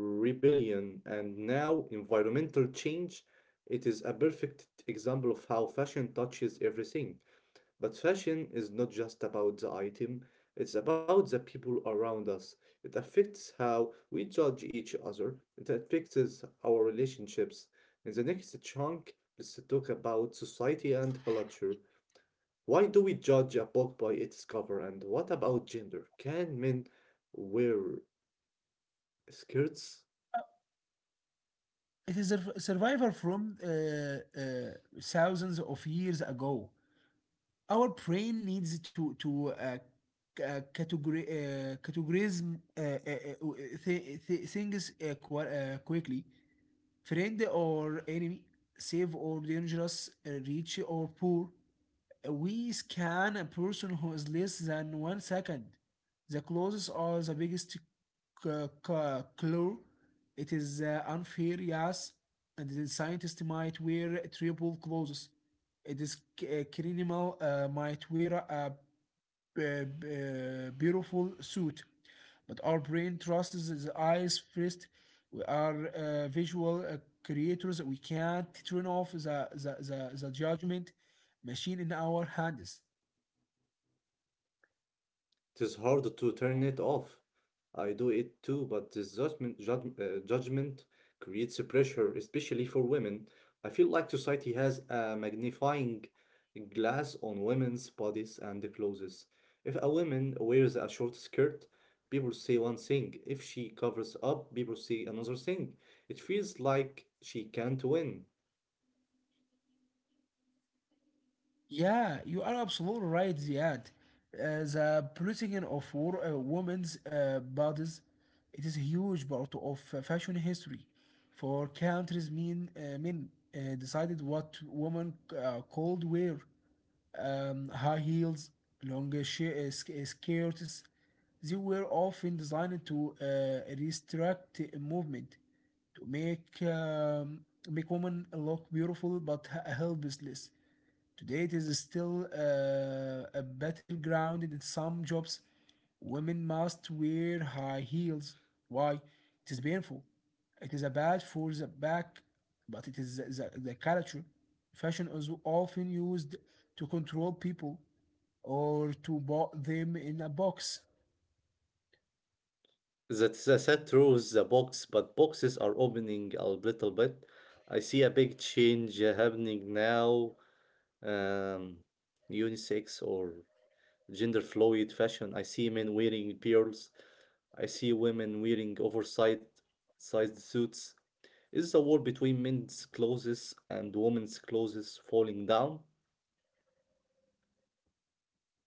Speaker 1: rebellion, and now environmental change. It is a perfect example of how fashion touches everything. But fashion is not just about the item, it's about the people around us. It affects how we judge each other, it affects our relationships. In the next chunk, let's talk about society and culture. Why do we judge a book by its cover? And what about gender? Can men wear skirts?
Speaker 2: It is a survivor from uh, uh, thousands of years ago. Our brain needs to to uh, c- uh, categori- uh, categorize uh, uh, uh, th- th- things uh, qu- uh, quickly. Friend or enemy, safe or dangerous, uh, rich or poor. We scan a person who is less than one second. The closest or the biggest c- c- clue. It is uh, unfair, yes, and the scientist might wear triple clothes. It is c- a criminal uh, might wear a uh, uh, beautiful suit. But our brain trusts the eyes first. We are uh, visual uh, creators. We can't turn off the, the, the, the judgment machine in our hands.
Speaker 1: It is hard to turn it off. I do it too, but this judgment, judg- uh, judgment creates a pressure, especially for women. I feel like society has a magnifying glass on women's bodies and clothes. If a woman wears a short skirt, people say one thing. If she covers up, people say another thing. It feels like she can't win.
Speaker 2: Yeah, you are absolutely right, Ziad. Uh, the policing of wo- uh, women's uh, bodies, it is a huge part of uh, fashion history. For countries, men, uh, men uh, decided what women uh, called wear. Um, high heels, long uh, sh- uh, sk- uh, skirts, they were often designed to uh, restrict movement, to make um, make women look beautiful but h- helpless. Today, it is still uh, a battleground in some jobs. Women must wear high heels. Why? It is painful. It is bad for the back, but it is the, the, the culture. Fashion is often used to control people or to put them in a box.
Speaker 1: That's the set rules the box, but boxes are opening a little bit. I see a big change uh, happening now. Um, unisex or gender fluid fashion. I see men wearing pearls. I see women wearing oversized sized suits. Is the wall between men's clothes and women's clothes falling down?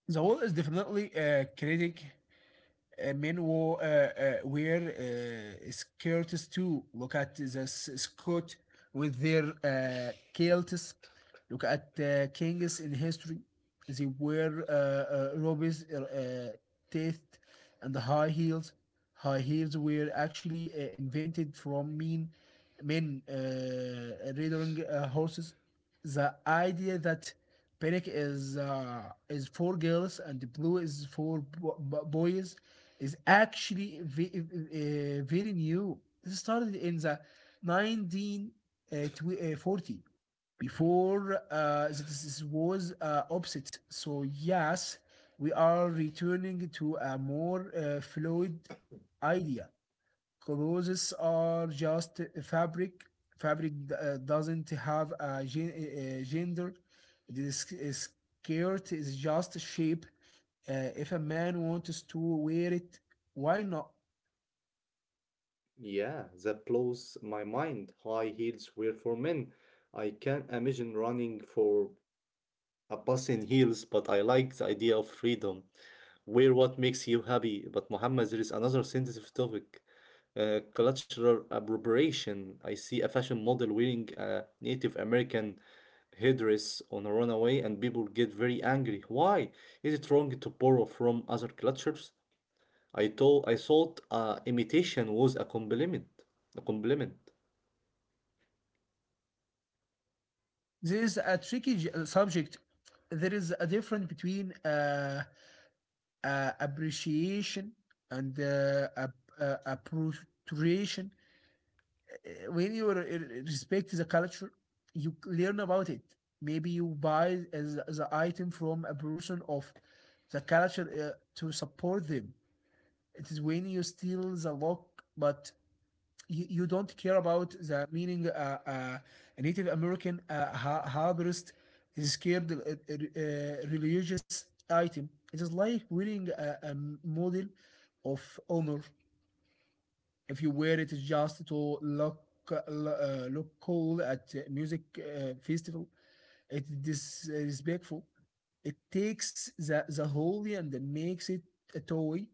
Speaker 2: The world is definitely a critic. Uh, men wore, uh, uh, wear uh, skirts too. Look at the Scot with their uh, kilts. Look at uh, kings in history. They wear uh, uh, robes, uh, uh, teeth, and high heels. High heels were actually uh, invented from men, men uh, rearing uh, horses. The idea that pink is uh, is for girls and blue is for bo- bo- boys is actually ve- uh, very new. It started in the nineteen forty. Before uh, this was uh, opposite. So yes, we are returning to a more uh, fluid idea. Clothes are just fabric. Fabric uh, doesn't have a, gen- a gender. This skirt is just shape. Uh, if a man wants to wear it, why not?
Speaker 1: Yeah, that blows my mind. High heels were for men. I can imagine running for Abbas in heels, but I like the idea of freedom. Wear what makes you happy. But Muhammad, there is another sensitive topic. Uh, cultural appropriation. I see a fashion model wearing a Native American headdress on a runway, and people get very angry. Why? Is it wrong to borrow from other cultures? I thought I thought uh, imitation was a compliment. A compliment.
Speaker 2: This is a tricky j- uh, subject. There is a difference between uh, uh, appreciation and uh, ap- uh, appropriation. Uh, when you uh, respect the culture, you learn about it. Maybe you buy as the item from a person of the culture uh, to support them. It is when you steal the lock, but you, you don't care about the meaning. Uh, uh, a Native American uh, har- harborist is scared uh, uh, religious item. It is like wearing a, a model of honor. If you wear it just to look uh, look cool at a music uh, festival, it is disrespectful. It takes the, the holy and makes it a toy.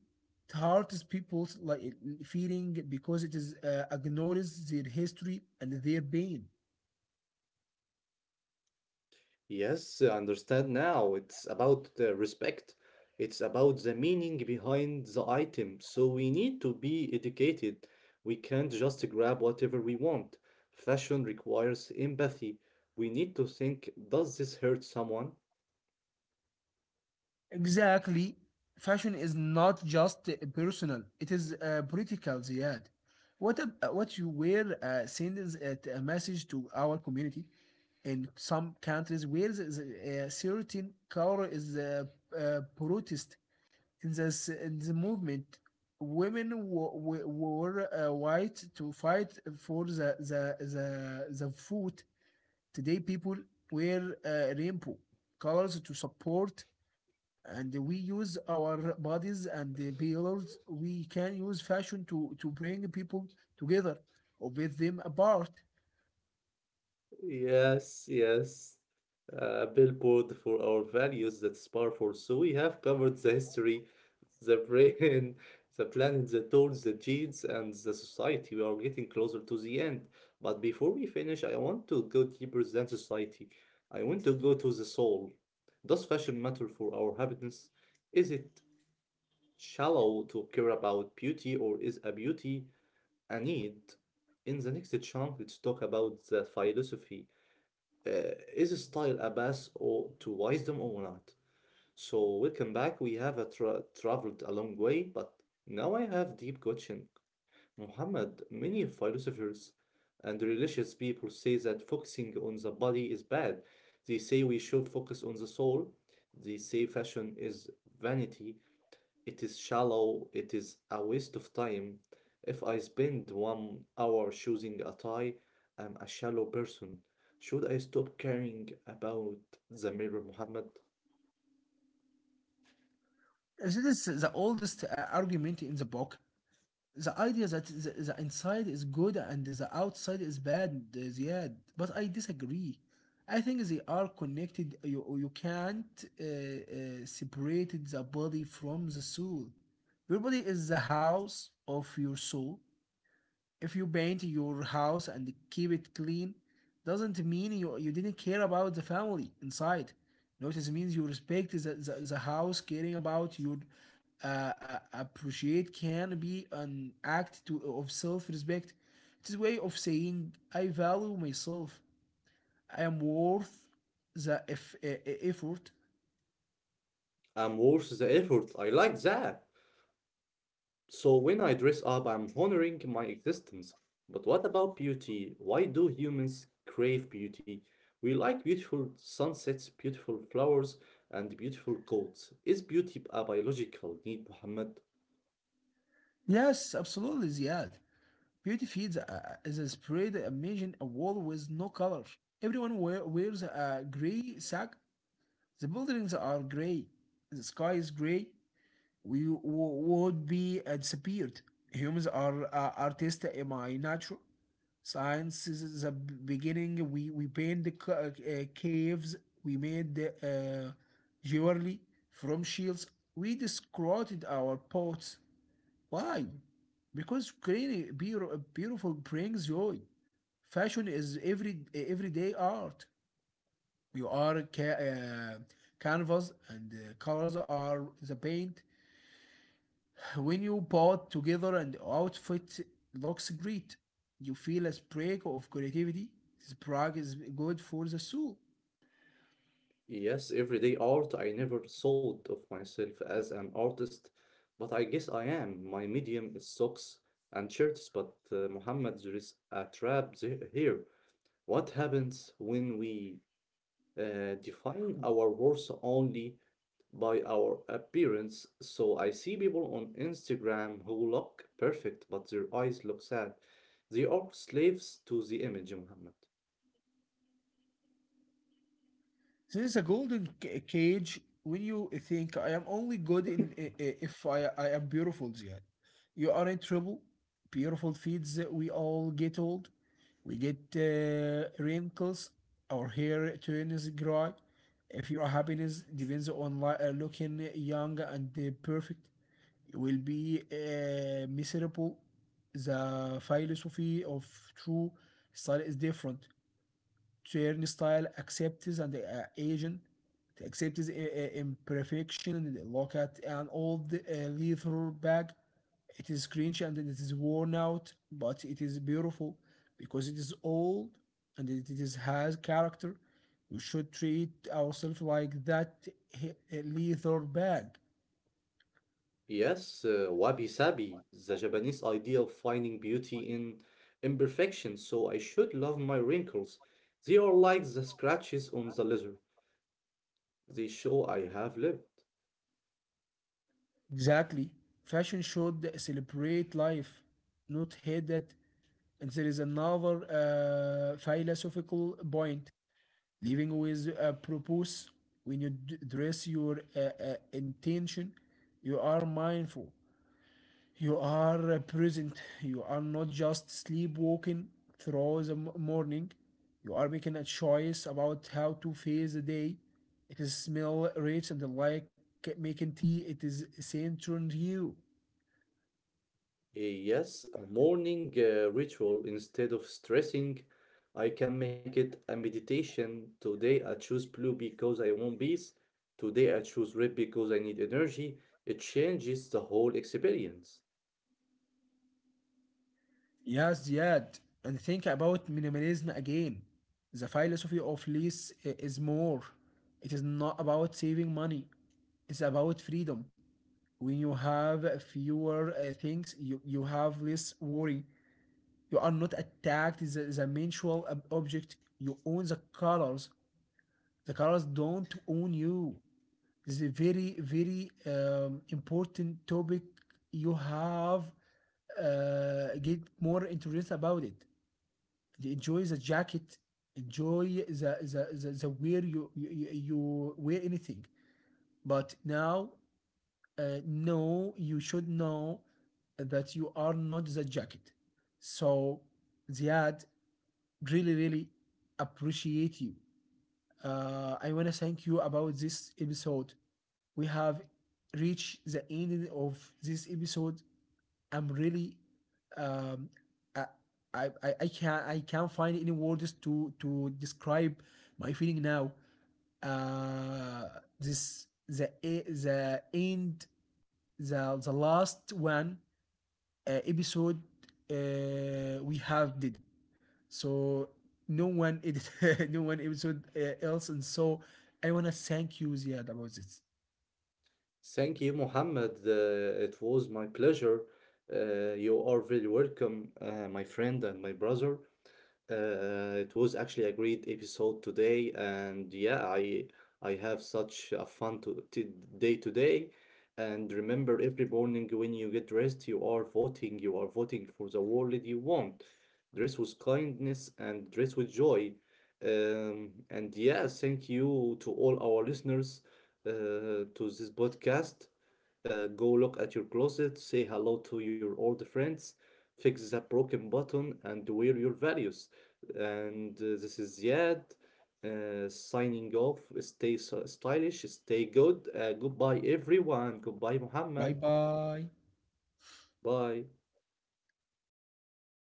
Speaker 2: It hurts people's like feeling because it is uh, ignores their history and their pain.
Speaker 1: Yes, I understand now. It's about the respect. It's about the meaning behind the item. So we need to be educated. We can't just grab whatever we want. Fashion requires empathy. We need to think, does this hurt someone?
Speaker 2: Exactly. Fashion is not just uh, personal, it is uh, political, Ziad. What, ab- uh, what you wear uh, sends it a message to our community. In some countries, where a certain color is uh, uh, protest in the, s- in the movement, women wo- wo- wore uh, white to fight for the, the, the, the food. Today, people wear uh, rainbow colors to support, and we use our bodies and the pillars. We can use fashion to to bring people together or with them apart.
Speaker 1: Yes, yes. A billboard for our values that's powerful. So we have covered the history, the brain, the planet, the tools, the genes, and the society. We are getting closer to the end. But before we finish, I want to go deeper than society. I want to go to the soul. Does fashion matter for our happiness? Is it shallow to care about beauty, or is a beauty a need? In the next chunk, let's talk about the philosophy uh, is style a path or to wisdom or not? So welcome back. We have a tra- traveled a long way, but now I have deep question. Muhammad, many philosophers and religious people say that focusing on the body is bad. They say we should focus on the soul. They say fashion is vanity. It is shallow, it is a waste of time. If I spend one hour choosing a tie, I'm a shallow person. Should I stop caring about the mirror, Muhammad?
Speaker 2: This is the oldest uh, argument in the book. The idea that the, the inside is good and the outside is bad. Yeah, but I disagree. I think they are connected. You, you can't uh, uh, separate the body from the soul. Your body is the house of your soul. If you paint your house and keep it clean, doesn't mean you, you didn't care about the family inside, notice means you respect the, the, the house. Caring about your uh, uh, appreciate can be an act to, of self-respect. It's a way of saying I value myself. I am worth the eff- e- e- effort.
Speaker 1: I'm worth the effort. I like that. So when I dress up, I'm honoring my existence. But what about beauty? Why do humans crave beauty? We like beautiful sunsets, beautiful flowers, and beautiful coats. Is beauty a biological need, Muhammad?
Speaker 2: Yes, absolutely, Ziad. Beauty Feeds uh, is a spread. Imagine a wall with no color. Everyone wear, wears a gray sack. The buildings are gray. The sky is gray. We w- would be uh, disappeared. Humans are uh, artists. Am I natural? Science is the beginning. We we paint the ca- uh, caves. We made the, uh, jewelry from shields. We discarded our pots. Why? Because creating beautiful brings joy. Fashion is every everyday art. You are ca- uh, canvas and uh, colors are the paint. When you put together and outfit looks great, you feel a spark of creativity. Spark is good for the soul.
Speaker 1: Yes, everyday art. I never thought of myself as an artist, but I guess I am. My medium is socks and shirts, but uh, Muhammad, there is a trap the- here. What happens when we uh, define our worth only by our appearance? So I see people on Instagram who look perfect, but their eyes look sad. They are slaves to the image, Muhammad.
Speaker 2: There is a golden ca- cage. When you think, I am only good in i- i- if I, I am beautiful, Ziad, you are in trouble. Beautiful feeds that we all get old. We get uh, wrinkles. Our hair turns gray. If your happiness depends on li- uh, looking young and uh, perfect, you will be uh, miserable. The philosophy of true style is different. Turnstile accepts and the uh, agent accepts i- i- imperfection. Look at an old uh, leather bag. It is cringe and it is worn out, but it is beautiful, because it is old and it is has character. We should treat ourselves like that leather bag.
Speaker 1: Yes, uh, wabi-sabi, the Japanese idea of finding beauty in imperfection, so I should love my wrinkles. They are like the scratches on the leather. They show I have lived.
Speaker 2: Exactly. Fashion should celebrate life, not hate it. And there is another uh, philosophical point. Living with a purpose, when you d- dress your uh, uh, intention, you are mindful. You are uh, present. You are not just sleepwalking through the m- morning. You are making a choice about how to face the day. It is smell rich and like making tea. It is centering you.
Speaker 1: Uh, yes, a morning uh, ritual instead of stressing, I can make it a meditation. Today I choose blue because I want peace. Today I choose red because I need energy. It changes the whole experience.
Speaker 2: Yes, yet, and think about minimalism again. The philosophy of less i- is more. It is not about saving money, it's about freedom. When you have fewer uh, things, you, you have less worry. You are not attacked as a, as a mensual ob- object. You own the colors. The colors don't own you. This is a very, very um, important topic. You have uh, get more interested about it. Enjoy the jacket, enjoy the the the, the wear. You, you you wear anything, but now uh, no, you should know that you are not the jacket. So, Ziad, really really appreciate you. uh, I want to thank you about this episode. We have reached the end of this episode. I'm really um, I, I I I can't I can't find any words to to describe my feeling now. Uh, this the e- the end, the the last one uh, episode uh, we have did, so no one edit no one episode uh, else. And so I wanna thank you, Ziad, about this.
Speaker 1: Thank you, Mohammed. Uh, it was my pleasure. Uh, you are very welcome, uh, my friend and my brother. Uh, it was actually a great episode today, and yeah, I I have such a fun to, to day today. And remember, every morning when you get dressed, you are voting. You are voting for the world you want. Dress with kindness and dress with joy. Um, and yeah, thank you to all our listeners uh, to this podcast. Uh, go look at your closet, say hello to your old friends, fix that broken button, and wear your values. And uh, this is Ziad uh, signing off. Stay so stylish, stay good. Uh, goodbye, everyone. Goodbye, Muhammad.
Speaker 2: Bye bye.
Speaker 1: Bye.